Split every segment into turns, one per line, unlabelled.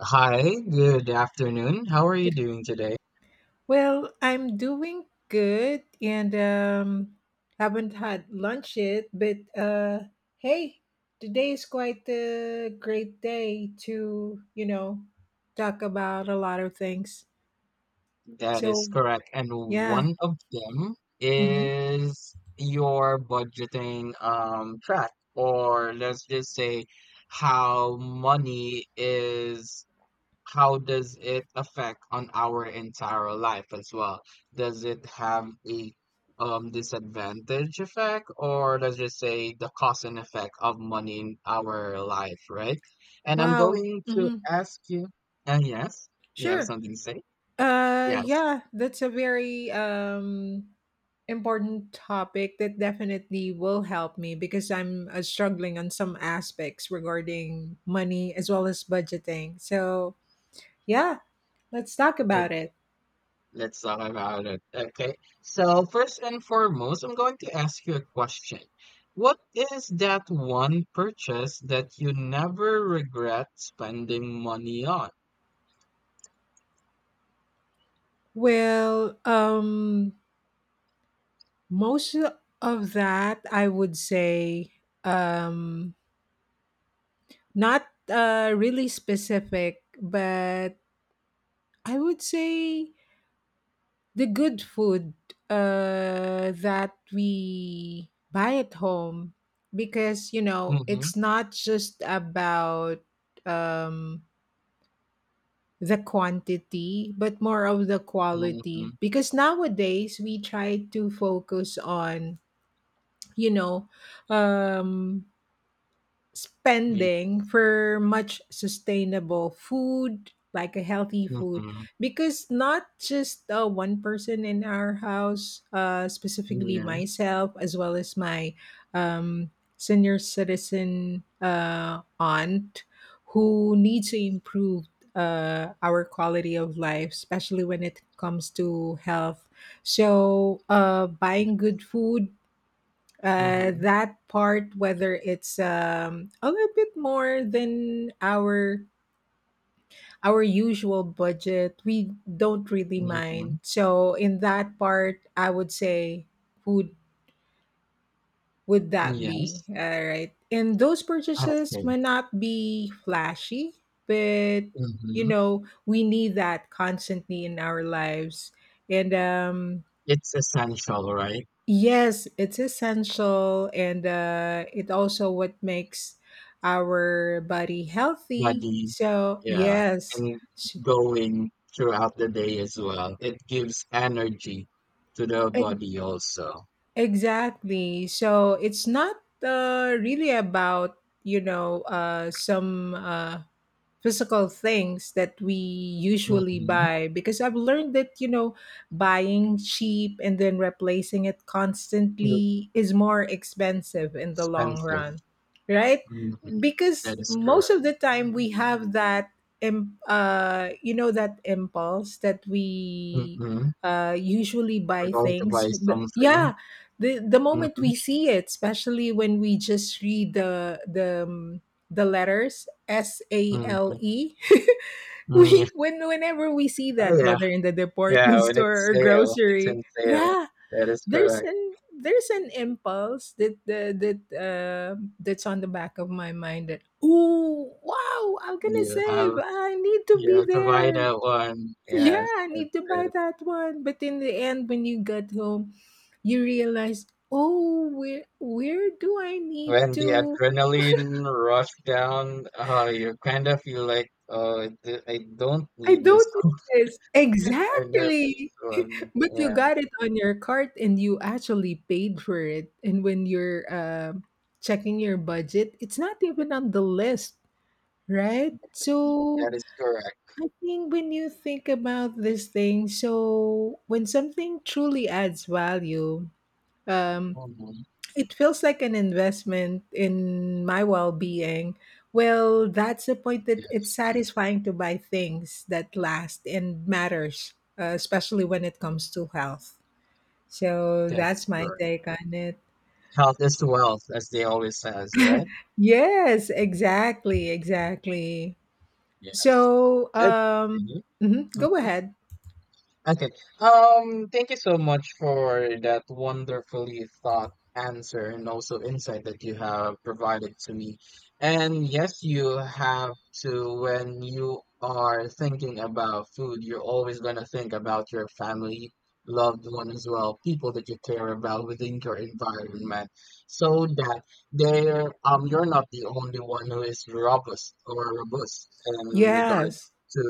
Hi, good afternoon. How are you
Good.
doing today?
Well, I'm doing good and haven't had lunch yet, but hey, today is quite a great day to, talk about a lot of things.
That is
So,
correct. And
yeah.
one of them
Hmm.
is your budgeting track, or let's just say how money is how does it affect on our entire life as well? Does it have a disadvantage effect, or let's just say the cause and effect of money in our life, right? And I'm
Wow.
going to
Hmm.
ask you, yes, you have
Sure.
something to say? Yes.
Yeah, that's a very important topic that definitely will help me because I'm struggling on some aspects regarding money as well as budgeting. So, yeah, let's talk
Like,
about it.
let's talk about it. Okay. So first and foremost, I'm going to ask you a question. What is that one purchase that you never regret spending money on?
Well, most of that, I would say, um, not really specific, but I would say the good food that we buy at home because, you know,
Mhm.
it's not just about um, the quantity, but more of the quality.
Mhm.
Because nowadays we try to focus on, you know, um, spending
Yes.
for much sustainable food like a healthy food
Mhm.
because not just one person in our house specifically
Yes.
myself as well as my um, senior citizen aunt who needs to improve our quality of life, especially when it comes to health. So
ye
buying good food,
Mhm.
that part, whether it's a little bit more than our usual budget, we don't really mind.
Mhm.
So in that part I would say would would that be
Yes.
all right, and those purchases
Okay.
might not be flashy, but you
Mhm.
know we need that constantly in our lives. And
It's essential, right?
yes, it's essential, and it also what makes our body healthy.
Body
So
Yeah,
yes,
and
s-
going throughout the day as well, it gives energy to the
e-
body also.
exactly. So it's not really about you know some physical things that we usually
Mhm.
buy, because I've learned that you know buying cheap and then replacing it
It's
constantly is more expensive in the long
expensive.
run, right?
Mhm. That
Because
is
most
correct.
of the time we have that you know that impulse that we
Mhm.
usually
We're
buy
going to buy
things.
something.
Yeah, the moment
Mhm.
we see it, especially when we just read the letters S A L
Mhm.
E
Mm, yeah.
we when whenever we see that,
Yeah.
whether in the department
Yeah, when it's
store or
sale, it's in
grocery,
sale.
yeah,
That is
there's
correct.
an there's an impulse that the that that's on the back of my mind that, ooh, wow, I'm gonna
You have
save, I need to
you
be
have to buy
there,
that one. Yes,
yeah, I
that's
need to buy
it.
that one. But in the end when you get home you realize, oh, where do I need
When the
to,
adrenaline rush down, you kind of feel like, oh, I don't
I
need this
don't
one.
need this,
I love
exactly.
this one.
But you
Yeah,
got it on your cart and you actually paid for it. And when you're checking your budget, it's not even on the list, right? So
that is correct.
I think when you think about this thing, so when something truly adds value, um,
Hmm.
it feels like an investment in my well being. Well, that's the point,
Yeah,
that it's satisfying to buy things that last and matters, especially when it comes to health. So
that
that's
is
my
correct.
take on it.
Health is wealth, as they always says, right?
Yes, exactly, exactly.
Yes.
So,
Okay.
go
Mhm.
ahead.
Okay. Thank you so much for that wonderfully thought answer and also insight that you have provided to me. And yes, you have to, when you are thinking about food, you're always going to think about your family, loved one as well, people that you care about within your environment, so that they're, you're not the only one who is robust or robust in regards
Yes,
to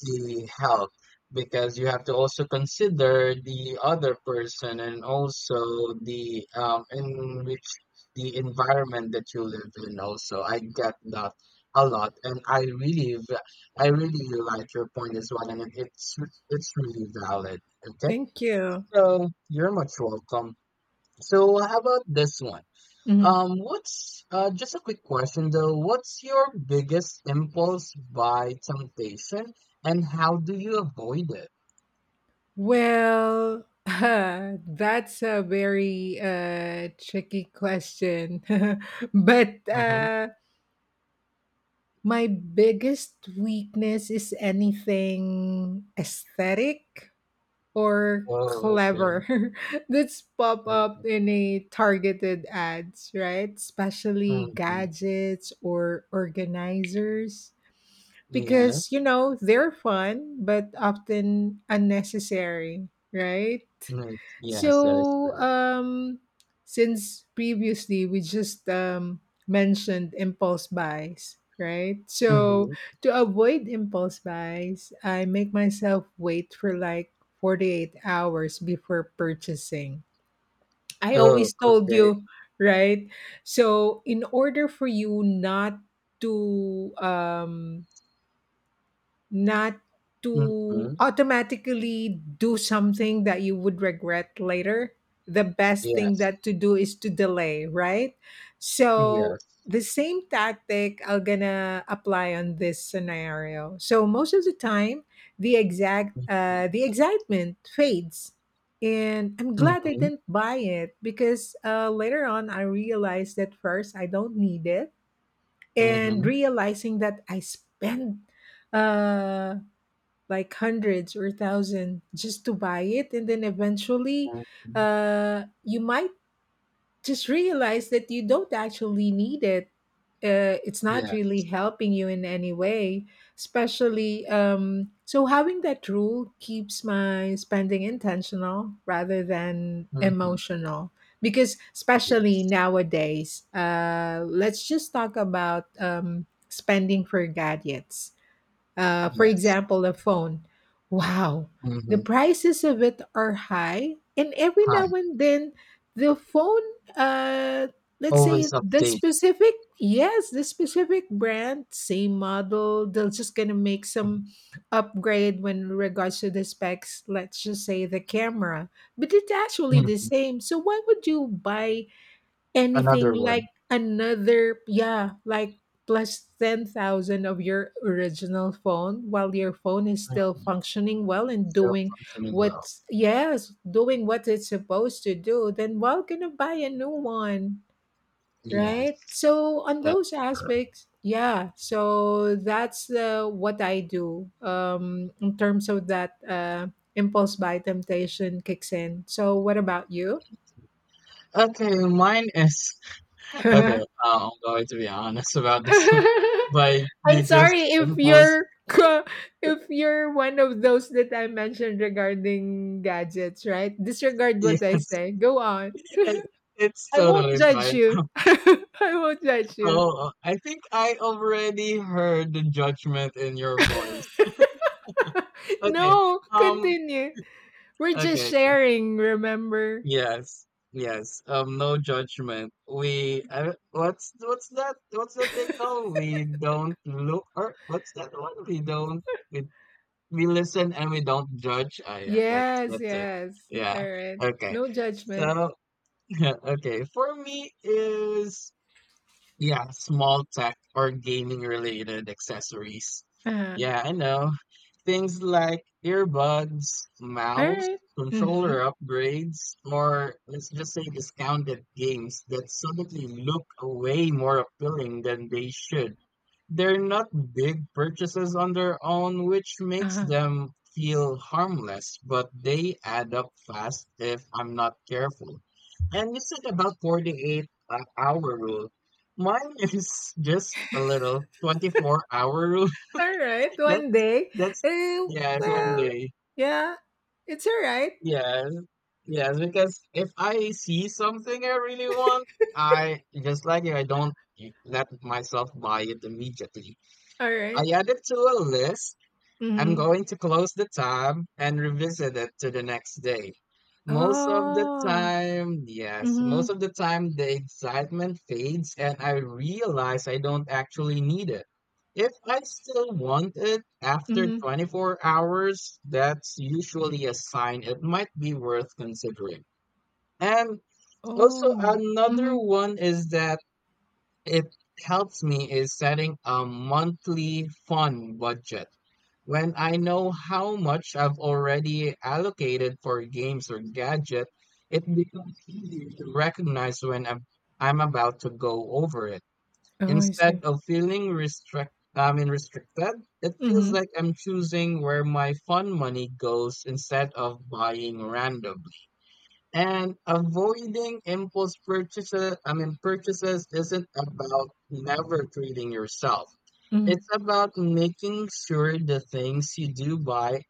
the health, because you have to also consider the other person and also the in which the environment that you live in also. I get that a lot, and I really I really like your point as well, and it's really valid. Okay.
thank you.
So you're much welcome. So how about this one?
Mhm.
What's just a quick question though. What's your biggest impulse buy temptation, and how do you avoid it?
Well, that's a very tricky question, but
Mm-hmm.
my biggest weakness is anything aesthetic, or
Oh,
clever
okay.
that's pop up
Mm-hmm.
in a targeted ads, right? Especially
Mm-hmm.
gadgets or organizers.
Yes.
Because, you know, they're fun, but often unnecessary, right?
Mm, yes, that is
So,
correct.
since previously we just mentioned impulse buys, right? So,
Mm-hmm.
to avoid impulse buys, I make myself wait for like 48 hours before purchasing. I
Oh,
always told
okay.
you, right? So, in order for you not to not
Mm-hmm.
automatically do something that you would regret later, the best thing
Yes.
that to do is to delay, right? So
Yes.
the same tactic I'm gonna apply on this scenario. So most of the time
Mm-hmm.
the excitement fades and I'm glad I
Mm-hmm.
didn't buy it, because later on I realized that, first, I don't need it, and
Mm-hmm.
realizing that I spent uh, like hundreds or thousand just to buy it, and then eventually
Mm-hmm.
you might just realize that you don't actually need it. It's not really
Yes.
helping you in any way, especially. So having that rule keeps my spending intentional rather than
Mm-hmm.
emotional, because especially
Yes.
nowadays let's just talk about spending for gadgets, for
Yes.
example, a phone. Wow, the
Mm-hmm.
prices of it are high, and every
Hi.
now and then, the phone, uh, let's
Always
say the
update.
specific, yes, the specific brand, same model, they're just gonna make
Mm-hmm.
some upgrade when regards to the specs. Let's just say the camera, but it's actually the
Mm-hmm.
same. So why would you buy anything
Another
like
one.
another, yeah, like plus 10,000 of your original phone while your phone is still functioning well and
Still
doing
functioning well.
what's, yes, doing what it's supposed to do, then well gonna buy a new one, right?
Yes.
So on
That's
those
correct.
aspects, yeah. So that's what I do in terms of that impulse buy temptation kicks in. So what about you?
Okay, mine is okay, I'm going to be honest about this one. My
I'm sorry
biggest
if
impulse
you're if you're one of those that I mentioned regarding gadgets, right? Disregard
Yes,
what I say. Go on.
it, it's
I won't
totally
judge
fine.
you. I won't judge you.
Oh, I think I already heard the judgment in your voice. Okay,
No,
um,
continue. We're just
okay, okay.
sharing, remember?
Yes, yes. No judgment. We, what's that they call? We don't look, or what's that one? We don't, we we listen and we don't judge. Ah, yeah, that's
Yes,
that's it.
yes.
Yeah.
All right.
Okay.
No judgment.
So okay, for me is yeah, small tech or gaming related accessories.
Uh-huh.
Yeah, I know. Things like earbuds,
All
mouse,
right. Mm-hmm.
controller upgrades, or let's just say discounted games that suddenly look way more appealing than they should. They're not big purchases on their own, which makes
Uh-huh.
them feel harmless, but they add up fast if I'm not careful. And you said about 48 hour rule. Mine is just a little 24-hour rule.
All right. One
That's,
day.
that's,
Uh,
yeah, it's one
well,
day.
yeah, it's all right.
Yes, yes, because if I see something I really want, I just like you, I don't let myself buy it immediately.
All
I
right.
add it to a list. I'm
Mhm.
going to close the tab and revisit it to the next day. Most of the
Oh.
time, yes, most
Mhm,
of the time the excitement fades and I realize I don't actually need it. If I still want it after
mhm.
24 hours, that's usually a sign it might be worth considering. And also,
Oh.
another
Mhm.
one is that it helps me is setting a monthly fun budget. When I know how much I've already allocated for games or gadget, it becomes easier to recognize when I'm about to go over it.
Oh, I see.
Instead of feeling restrict, I mean restricted, it feels like
Mhm,
I'm choosing where my fun money goes instead of buying randomly. And avoiding impulse purchases, I mean purchases isn't about never treating yourself.
mhm.
It's about making sure the things you do buy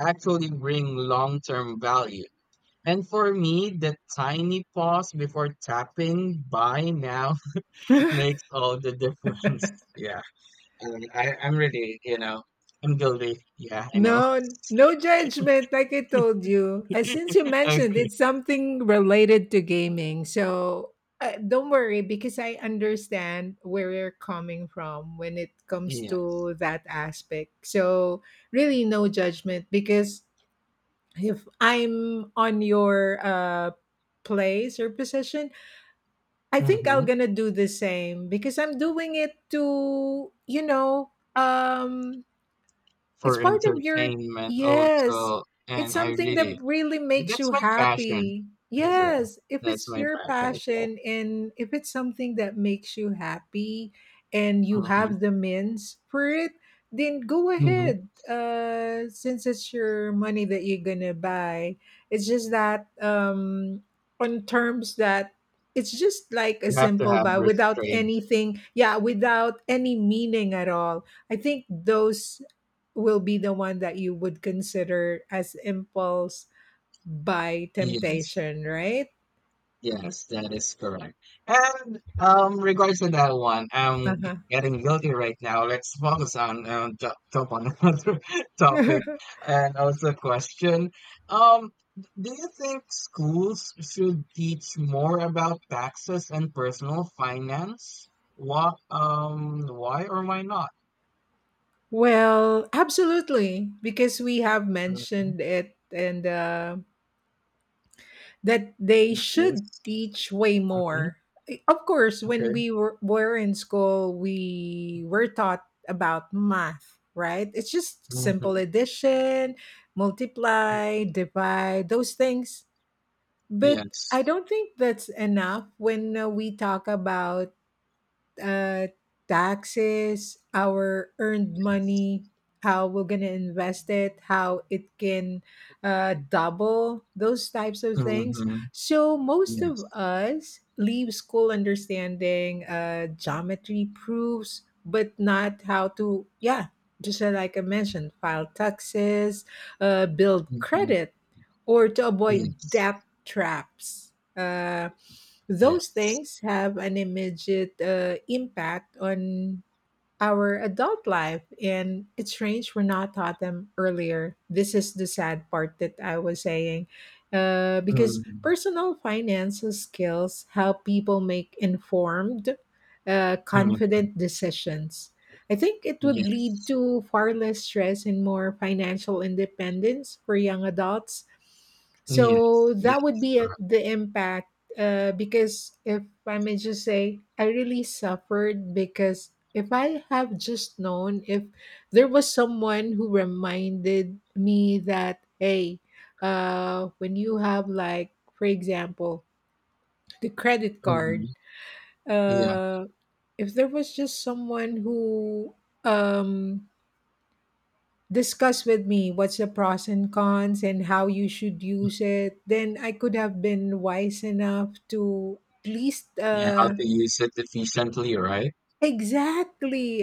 actually bring long term value. And for me, the tiny pause before tapping buy now makes all the difference. Yeah, I mean, I'm really, I'm guilty. Yeah, I know.
No, no judgment, like I told you. Since you mentioned
Okay.
it's something related to gaming, so, don't worry because I understand where you're coming from when it comes
Yeah.
to that aspect. So, really no judgment, because if I'm on your, place or position, I think
Hmm.
I'm gonna do the same because I'm doing it to, you know, it's
For
part of your,
entertainment
yes.
also.
It's
And I
something
really,
that really makes
that's
you
my passion
happy.
as well.
Yes, if
That's
it's
my
your
passion as well.
passion and if it's something that makes you happy and you
Hmm.
have the means for it, then go
Hmm.
ahead. Since it's your money that you're going to buy. It's just that on terms that it's just like a
You have to
simple
have
buy without
restraint.
anything, yeah, without any meaning at all. I think those will be the one that you would consider as impulse by
Yes,
temptation, right?
yes, that is correct. And regards to that one, I'm
Uh-huh.
getting guilty right now. Let's focus on top on another topic and also question. Um, do you think schools should teach more about taxes and personal finance? Why or why not?
Well, absolutely, because we have
Mhm.
mentioned it, and that they
Yes.
should teach way
Hmm.
more. Of course, when
Okay.
we were in school, we were taught about math, right? It's just simple
Hmm.
addition, multiply, divide, those things. But
Yes.
I don't think that's enough when we talk about uh, taxes, our earned
Yes.
money, how we're going to invest it, how it can double, those types of things.
Hmm.
So, most of
Yes.
us leave school understanding geometry proofs, but not how to, yeah, just like I mentioned, file taxes, build
Mhm.
credit, or to avoid
Yes.
debt traps. Those
Yes.
things have an immediate impact on our adult life, and it's strange we're not taught them earlier. This is the sad part that I was saying. Because
Um.
personal financial skills help people make informed,
Mhm.
confident decisions. I think it would lead
Yes.
to far less stress and more financial independence for young adults.
Yes.
So
That
that would
is
be
correct.
the impact, because if I may just say, I really suffered, because if I have just known, if there was someone who reminded me that, hey, when you have like, for example, the credit
Mhm.
card,
Yeah.
uh, if there was just someone who um, discussed with me what's the pros and cons and how you should use it, then I could have been wise enough to, at least.
Yeah. How to use it efficiently, right?
Exactly,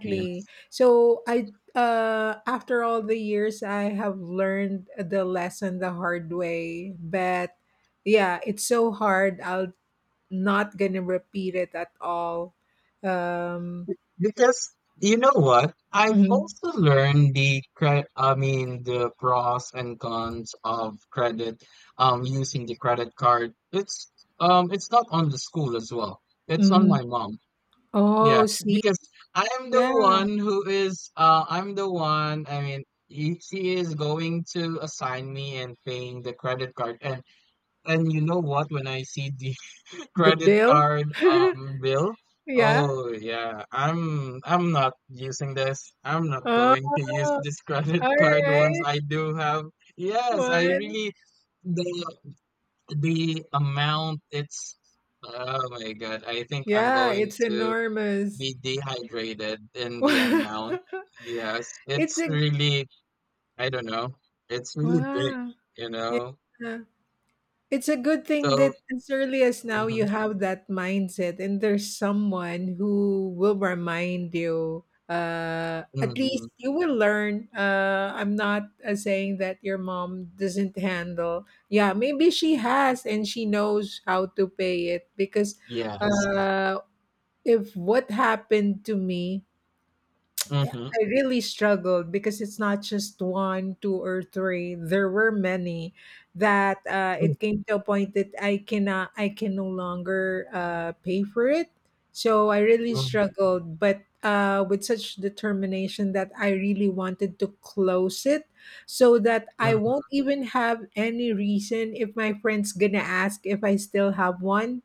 Yeah.
So I after all the years I have learned the lesson the hard way, but yeah, it's so hard. I'll not gonna repeat it at all. Um
Because you know what? I've
mhm,
also learned the I mean the pros and cons of credit using the credit card. It's not on the school as well. It's on
mhm.
my mom. Yeah,
Oh, see.
because
Yeah,
I'm the one, I mean, he, she is going to assign me and paying the credit card. And you know what, when I see the
the
credit
bill.
card bill,
Yeah.
oh yeah, I'm not using this. I'm not
Oh,
going to use this credit
all
card once
right.
I do have. Yes, I
One.
really, the the amount, it's oh my God, I think I'm
Yeah,
going
it's
to
enormous.
be dehydrated in the amount. Yes,
It's
it's
a
really, I don't know, it's really big,
wow.
you know.
Yeah. It's a good
So,
thing that as early as now
hmm
you have that mindset and there's someone who will remind you. At
hmm
least you will learn. I'm not saying that your mom doesn't handle. Yeah, maybe she has and she knows how to pay it, because
yes,
uh, if what happened to me,
mm-hmm,
I really struggled because it's not just one, two, or three. There were many that
mm-hmm,
it came to a point that I cannot, I can no longer pay for it. So I really
mm-hmm,
struggled, but with such determination that I really wanted to close it, so that I won't even have any reason if my friend's gonna ask if I still have one,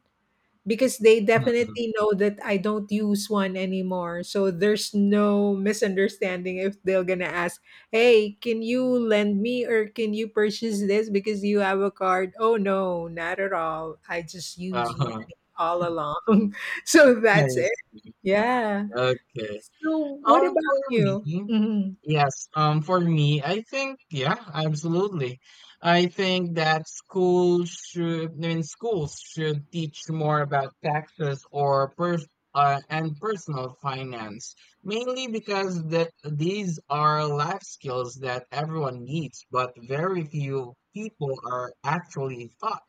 because they
mm-hmm.
definitely know that I don't use one anymore. So there's no misunderstanding if they're gonna ask, "Hey, can you lend me or can you purchase this because you have a card?" Oh no, not at all. I just use
Uh-huh.
money all along. So
I
that's it.
see.
Yeah.
Okay.
So what about
For me,
you? Hmm.
yes. For me, I think, yeah, absolutely. I think that schools should, I mean, schools should teach more about taxes or pers and personal finance, mainly because that these are life skills that everyone needs, but very few people are actually taught.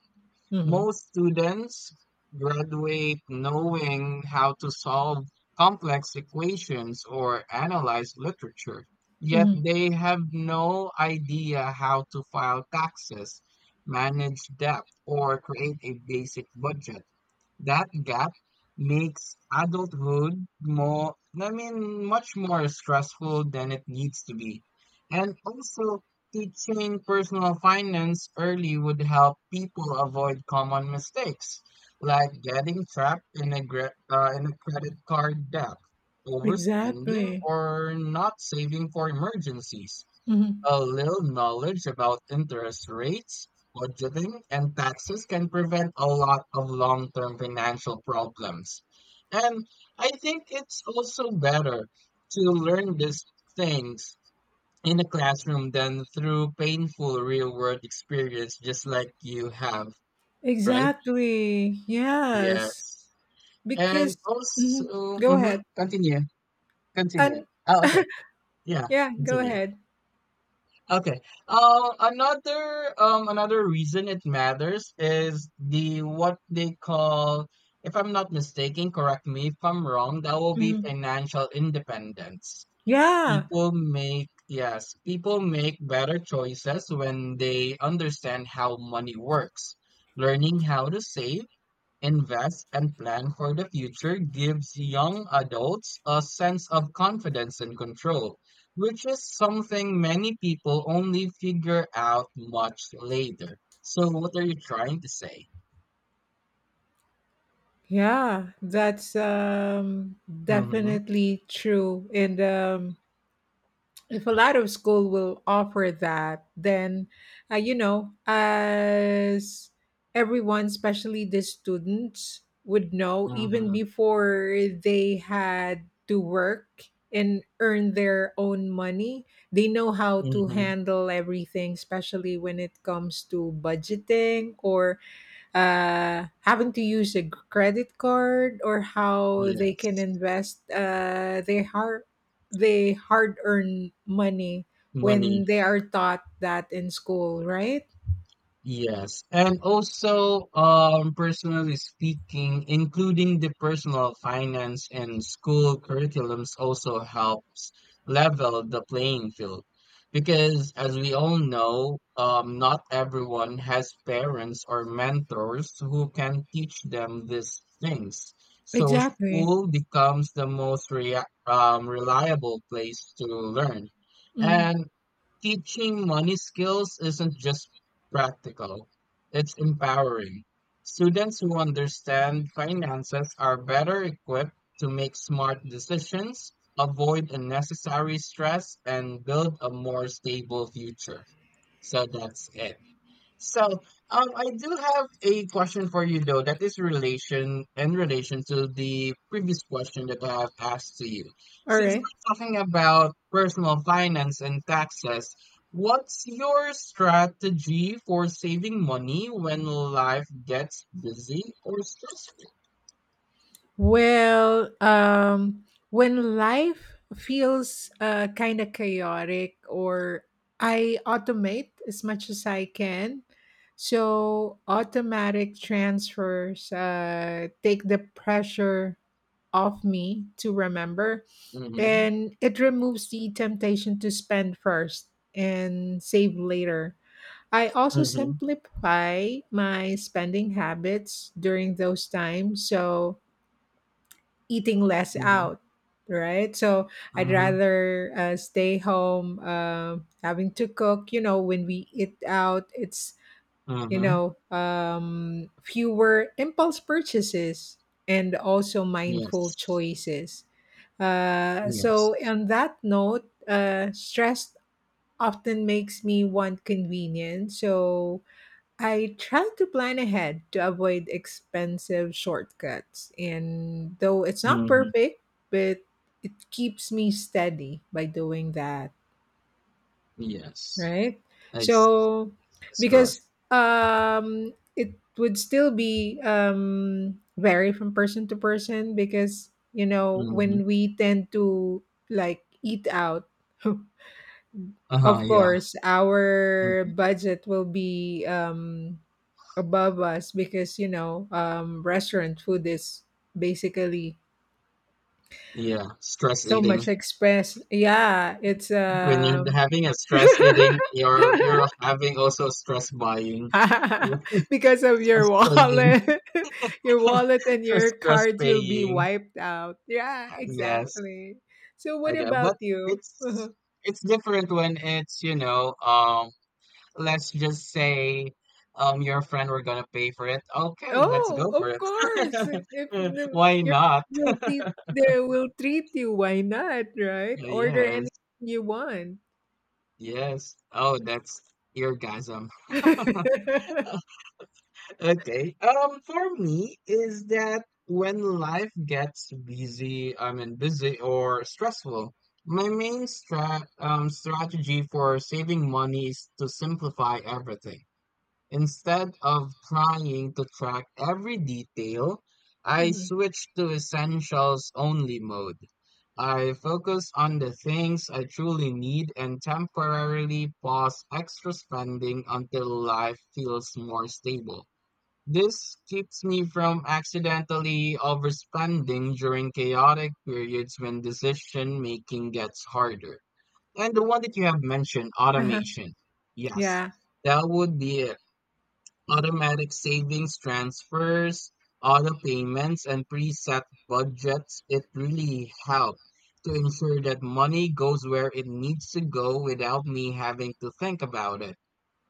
Hmm.
Most students graduate knowing how to solve complex equations or analyze literature, yet
Hmm.
they have no idea how to file taxes, manage debt, or create a basic budget. That gap makes adulthood more, I mean, much more stressful than it needs to be. And also, teaching personal finance early would help people avoid common mistakes, like getting trapped in in a credit card debt, overspending,
Exactly.
or not saving for emergencies.
Hmm.
A little knowledge about interest rates, budgeting, and taxes can prevent a lot of long term financial problems. And I think it's also better to learn these things in a classroom than through painful real world experience, just like you have, right?
Exactly. Yes.
Yes. And
Because mhm,
also,
go
mhm,
ahead.
continue, continue.
And
Oh, okay. Yeah,
yeah, go
continue.
ahead.
Okay. Another reason it matters is the what they call, if I'm not mistaken, correct me if I'm wrong, that will be
Mhm.
financial independence.
Yeah,
People make, yes, people make better choices when they understand how money works, learning how to save, invest, and plan for the future gives young adults a sense of confidence and control, which is something many people only figure out much later. So, what are you trying to say?
yeah, that's
Mm-hmm.
definitely true. And If a lot of school will offer that, then as everyone, especially the students, would know even
Mm-hmm.
before they had to work and earn their own money, they know how to
Mm-hmm.
handle everything, especially when it comes to budgeting or having to use a credit card or how they can
Yes.
invest their hard earned money
Money.
when they are taught that in school, right?
Yes, and also, personally speaking, including the personal finance and school curriculums also helps level the playing field. Because as we all know, not everyone has parents or mentors who can teach them these things. So
Exactly.
school becomes the most rea reliable place to learn.
Mhm.
And teaching money skills isn't just practical, it's empowering. Students who understand finances are better equipped to make smart decisions, avoid unnecessary stress, and build a more stable future. So that's it. So, I do have a question for you though that is relation in relation to the previous question that I have asked to you.
All
Since
right.
we're talking about personal finance and taxes, what's your strategy for saving money when life gets busy or stressful?
Well, when life feels kind of chaotic, or I automate as much as I can. So, automatic transfers take the pressure off me to remember,
Mm-hmm.
and it removes the temptation to spend first and save later. I also
Mm-hmm.
simplify my spending habits during those times. So, eating less
Mm-hmm.
out, right? So I'd
Mm-hmm.
rather stay home, having to cook. You know, when we eat out, it's you
Mm-hmm.
know fewer impulse purchases and also mindful
Yes.
choices.
Yes.
So on that note, stress often makes me want convenience, so I try to plan ahead to avoid expensive shortcuts, and though it's not
Mm-hmm.
perfect, but it keeps me steady by doing that,
Yes.
right?
I see.
So,
Yes, that's correct.
because it would still be vary from person to person, because
Mm-hmm.
when we tend to like eat out,
Uh-huh.
of
Yeah.
course, our budget will be above us because restaurant food is basically
Yeah, stress
so
eating.
much express, yeah. it's
When you're having a stress eating, you're having also stress buying,
Because of your
stress paying,
wallet, your wallet and your
stress
cards will be
paying.
wiped out, yeah,
Yes,
exactly. So what
okay,
about
but
you?
it's it's different when it's let's just say your friend were gonna pay for it. Okay, let's
Oh,
go for
of course. If
it.
no,
Why
are
not?
will te- They will treat you, why not, right? Order
Yes,
anything you want.
yes. Oh, that's eargasm. Okay. For me is that when life gets busy, I mean busy or stressful, my main strategy for saving money is to simplify everything. Instead of trying to track every detail, I
Mhm.
switch to essentials only mode. I focus on the things I truly need and temporarily pause extra spending until life feels more stable. This keeps me from accidentally overspending during chaotic periods when decision making gets harder. And the one that you have mentioned, automation. Yes,
Yeah,
that would be it. Automatic savings transfers, auto payments, and preset budgets. It really help to ensure that money goes where it needs to go without me having to think about it.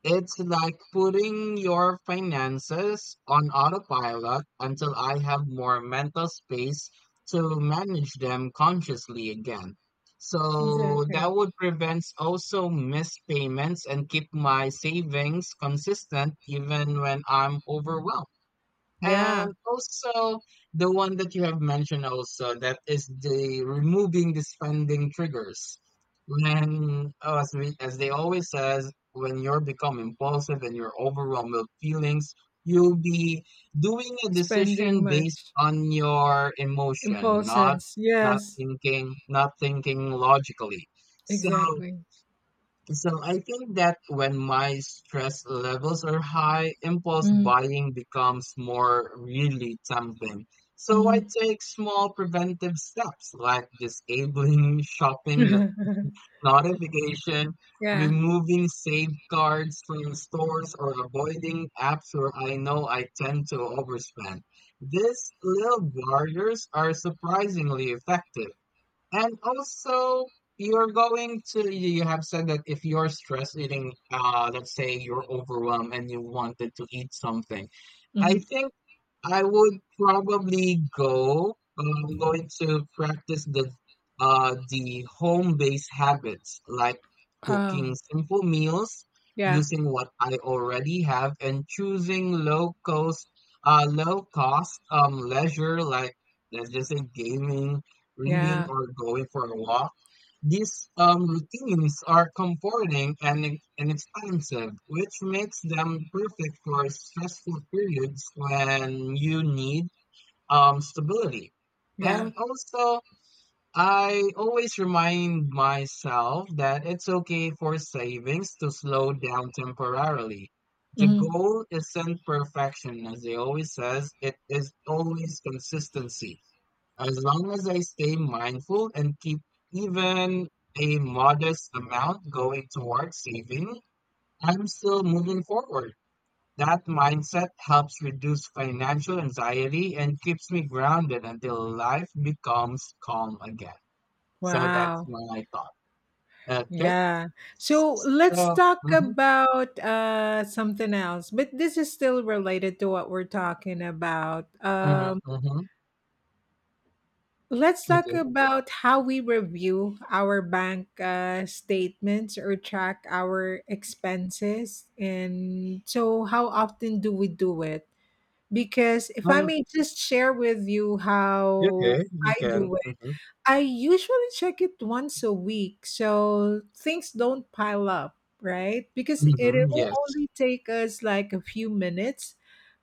It's like putting your finances on autopilot until I have more mental space to manage them consciously again. So that
exactly.
would prevent also missed payments and keep my savings consistent even when I'm overwhelmed.
Yeah,
And also the one that you have mentioned also that is the removing the spending triggers. When oh, as we, as they always says, when you're become impulsive and you're overwhelmed with feelings, you'll be doing a
spending
decision based
much.
on your emotion,
Impulsions.
not
Yes,
thinking, not thinking logically. So
exactly.
so I think that when my stress levels are high, impulse
Mm.
buying becomes more really tempting. So I
Mm.
take small preventive steps like disabling shopping notification,
Yeah.
removing safeguards from stores, or avoiding apps where I know I tend to overspend. These little barriers are surprisingly effective. And also, you have said that if you're stress eating, let's say you're overwhelmed and you wanted to eat something. I
Mm.
think I would probably go. I'm going to practice the home-based habits like cooking
Oh,
simple meals,
yeah,
using what I already have, and choosing low cost leisure like let's just say gaming, reading,
yeah,
or going for a walk. These routines are comforting and, expansive, which makes them perfect for stressful periods when you need stability.
yeah.
And also, I always remind myself that it's okay for savings to slow down temporarily. The
Mm.
goal isn't perfection, as they always says, it is always consistency. As long as I stay mindful and keep even a modest amount going towards saving, I'm still moving forward. That mindset helps reduce financial anxiety and keeps me grounded until life becomes calm again. So that's
Wow.
my thought. Okay.
Yeah. So let's
So,
talk
mm-hmm,
about something else, but this is still related to what we're talking about.
mm-hmm, mm-hmm,
Let's talk
okay.
about how we review our bank statements or track our expenses. And so, how often do we do it? Because if I
Um,
may just share with you how
okay, you
I
can.
do
Mm-hmm,
I usually check it once a week so things don't pile up, right? Because it
mm-hmm,
will
yes.
only take us like a few minutes,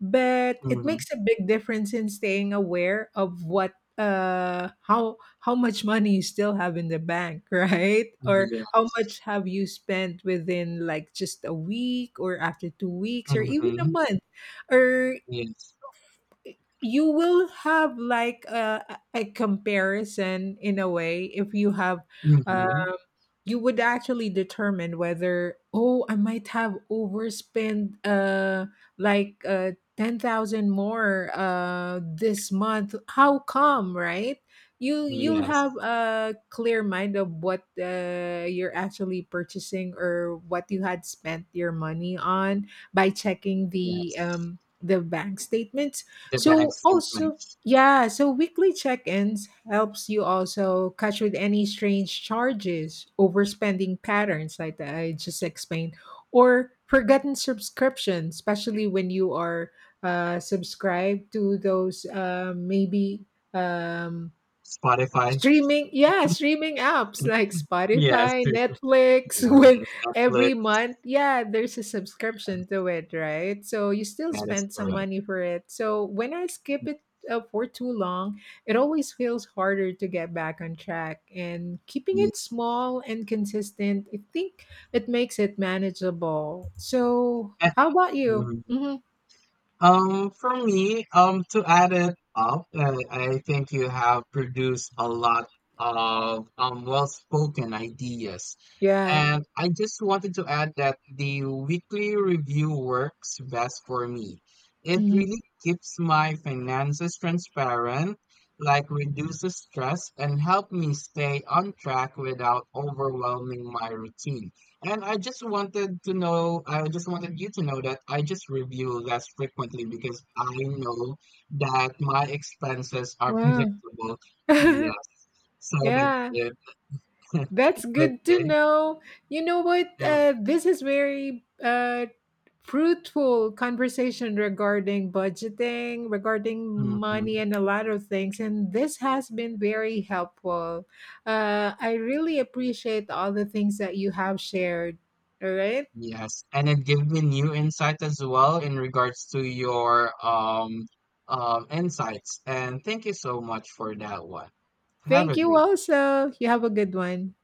but it
Mm-hmm,
makes a big difference in staying aware of what how much money you still have in the bank, right? Or
yeah.
how much have you spent within like just a week or after 2 weeks or even a
Mm-hmm,
month, or
yes.
you will have like a comparison in a way. If you have uh,
Mm-hmm.
you would actually determine whether, oh, I might have overspent like 10,000 more this month, how come, right? you you'll have
Yes,
a clear mind of what you're actually purchasing or what you had spent your money on by checking the
yes.
um the bank statements.
The bank
So also,
statements.
yeah, so weekly check-ins helps you also catch with any strange charges, overspending patterns like that I just explained, or forgotten subscription, especially when you are subscribed to those, maybe um,
Spotify.
streaming. Yeah, streaming apps like
Yes,
Spotify,
true, true.
Netflix, when
Yes, Netflix.
every month, yeah, there's a subscription to it, right? So you still
That is
spend some
correct.
money for it. So when I skip it for too long, it always feels harder to get back on track. And keeping
Yeah.
it small and consistent, I think it makes it manageable. So, how about you?
Mhm.
Hmm.
For me, to add it up, I think you have produced a lot of well-spoken ideas.
Yeah.
And I just wanted to add that the weekly review works best for me. It
Hmm.
really keeps my finances transparent, like reduces stress and help me stay on track without overwhelming my routine. And I just wanted to know, I just wanted you to know that I just review less frequently because I know that my expenses are
Wow.
predictable. Yes. So that's
Yeah.
it.
That's good to
Okay.
know. You know what?
Yeah.
This is very fruitful conversation regarding budgeting, regarding
Hmm.
money, and a lot of things. And this has been very helpful. I really appreciate all the things that you have shared. All right.
Yes. And it gave me new insight as well in regards to your insights. And thank you so much for that one. Have
Thank
a
you
great
also. You have a good one.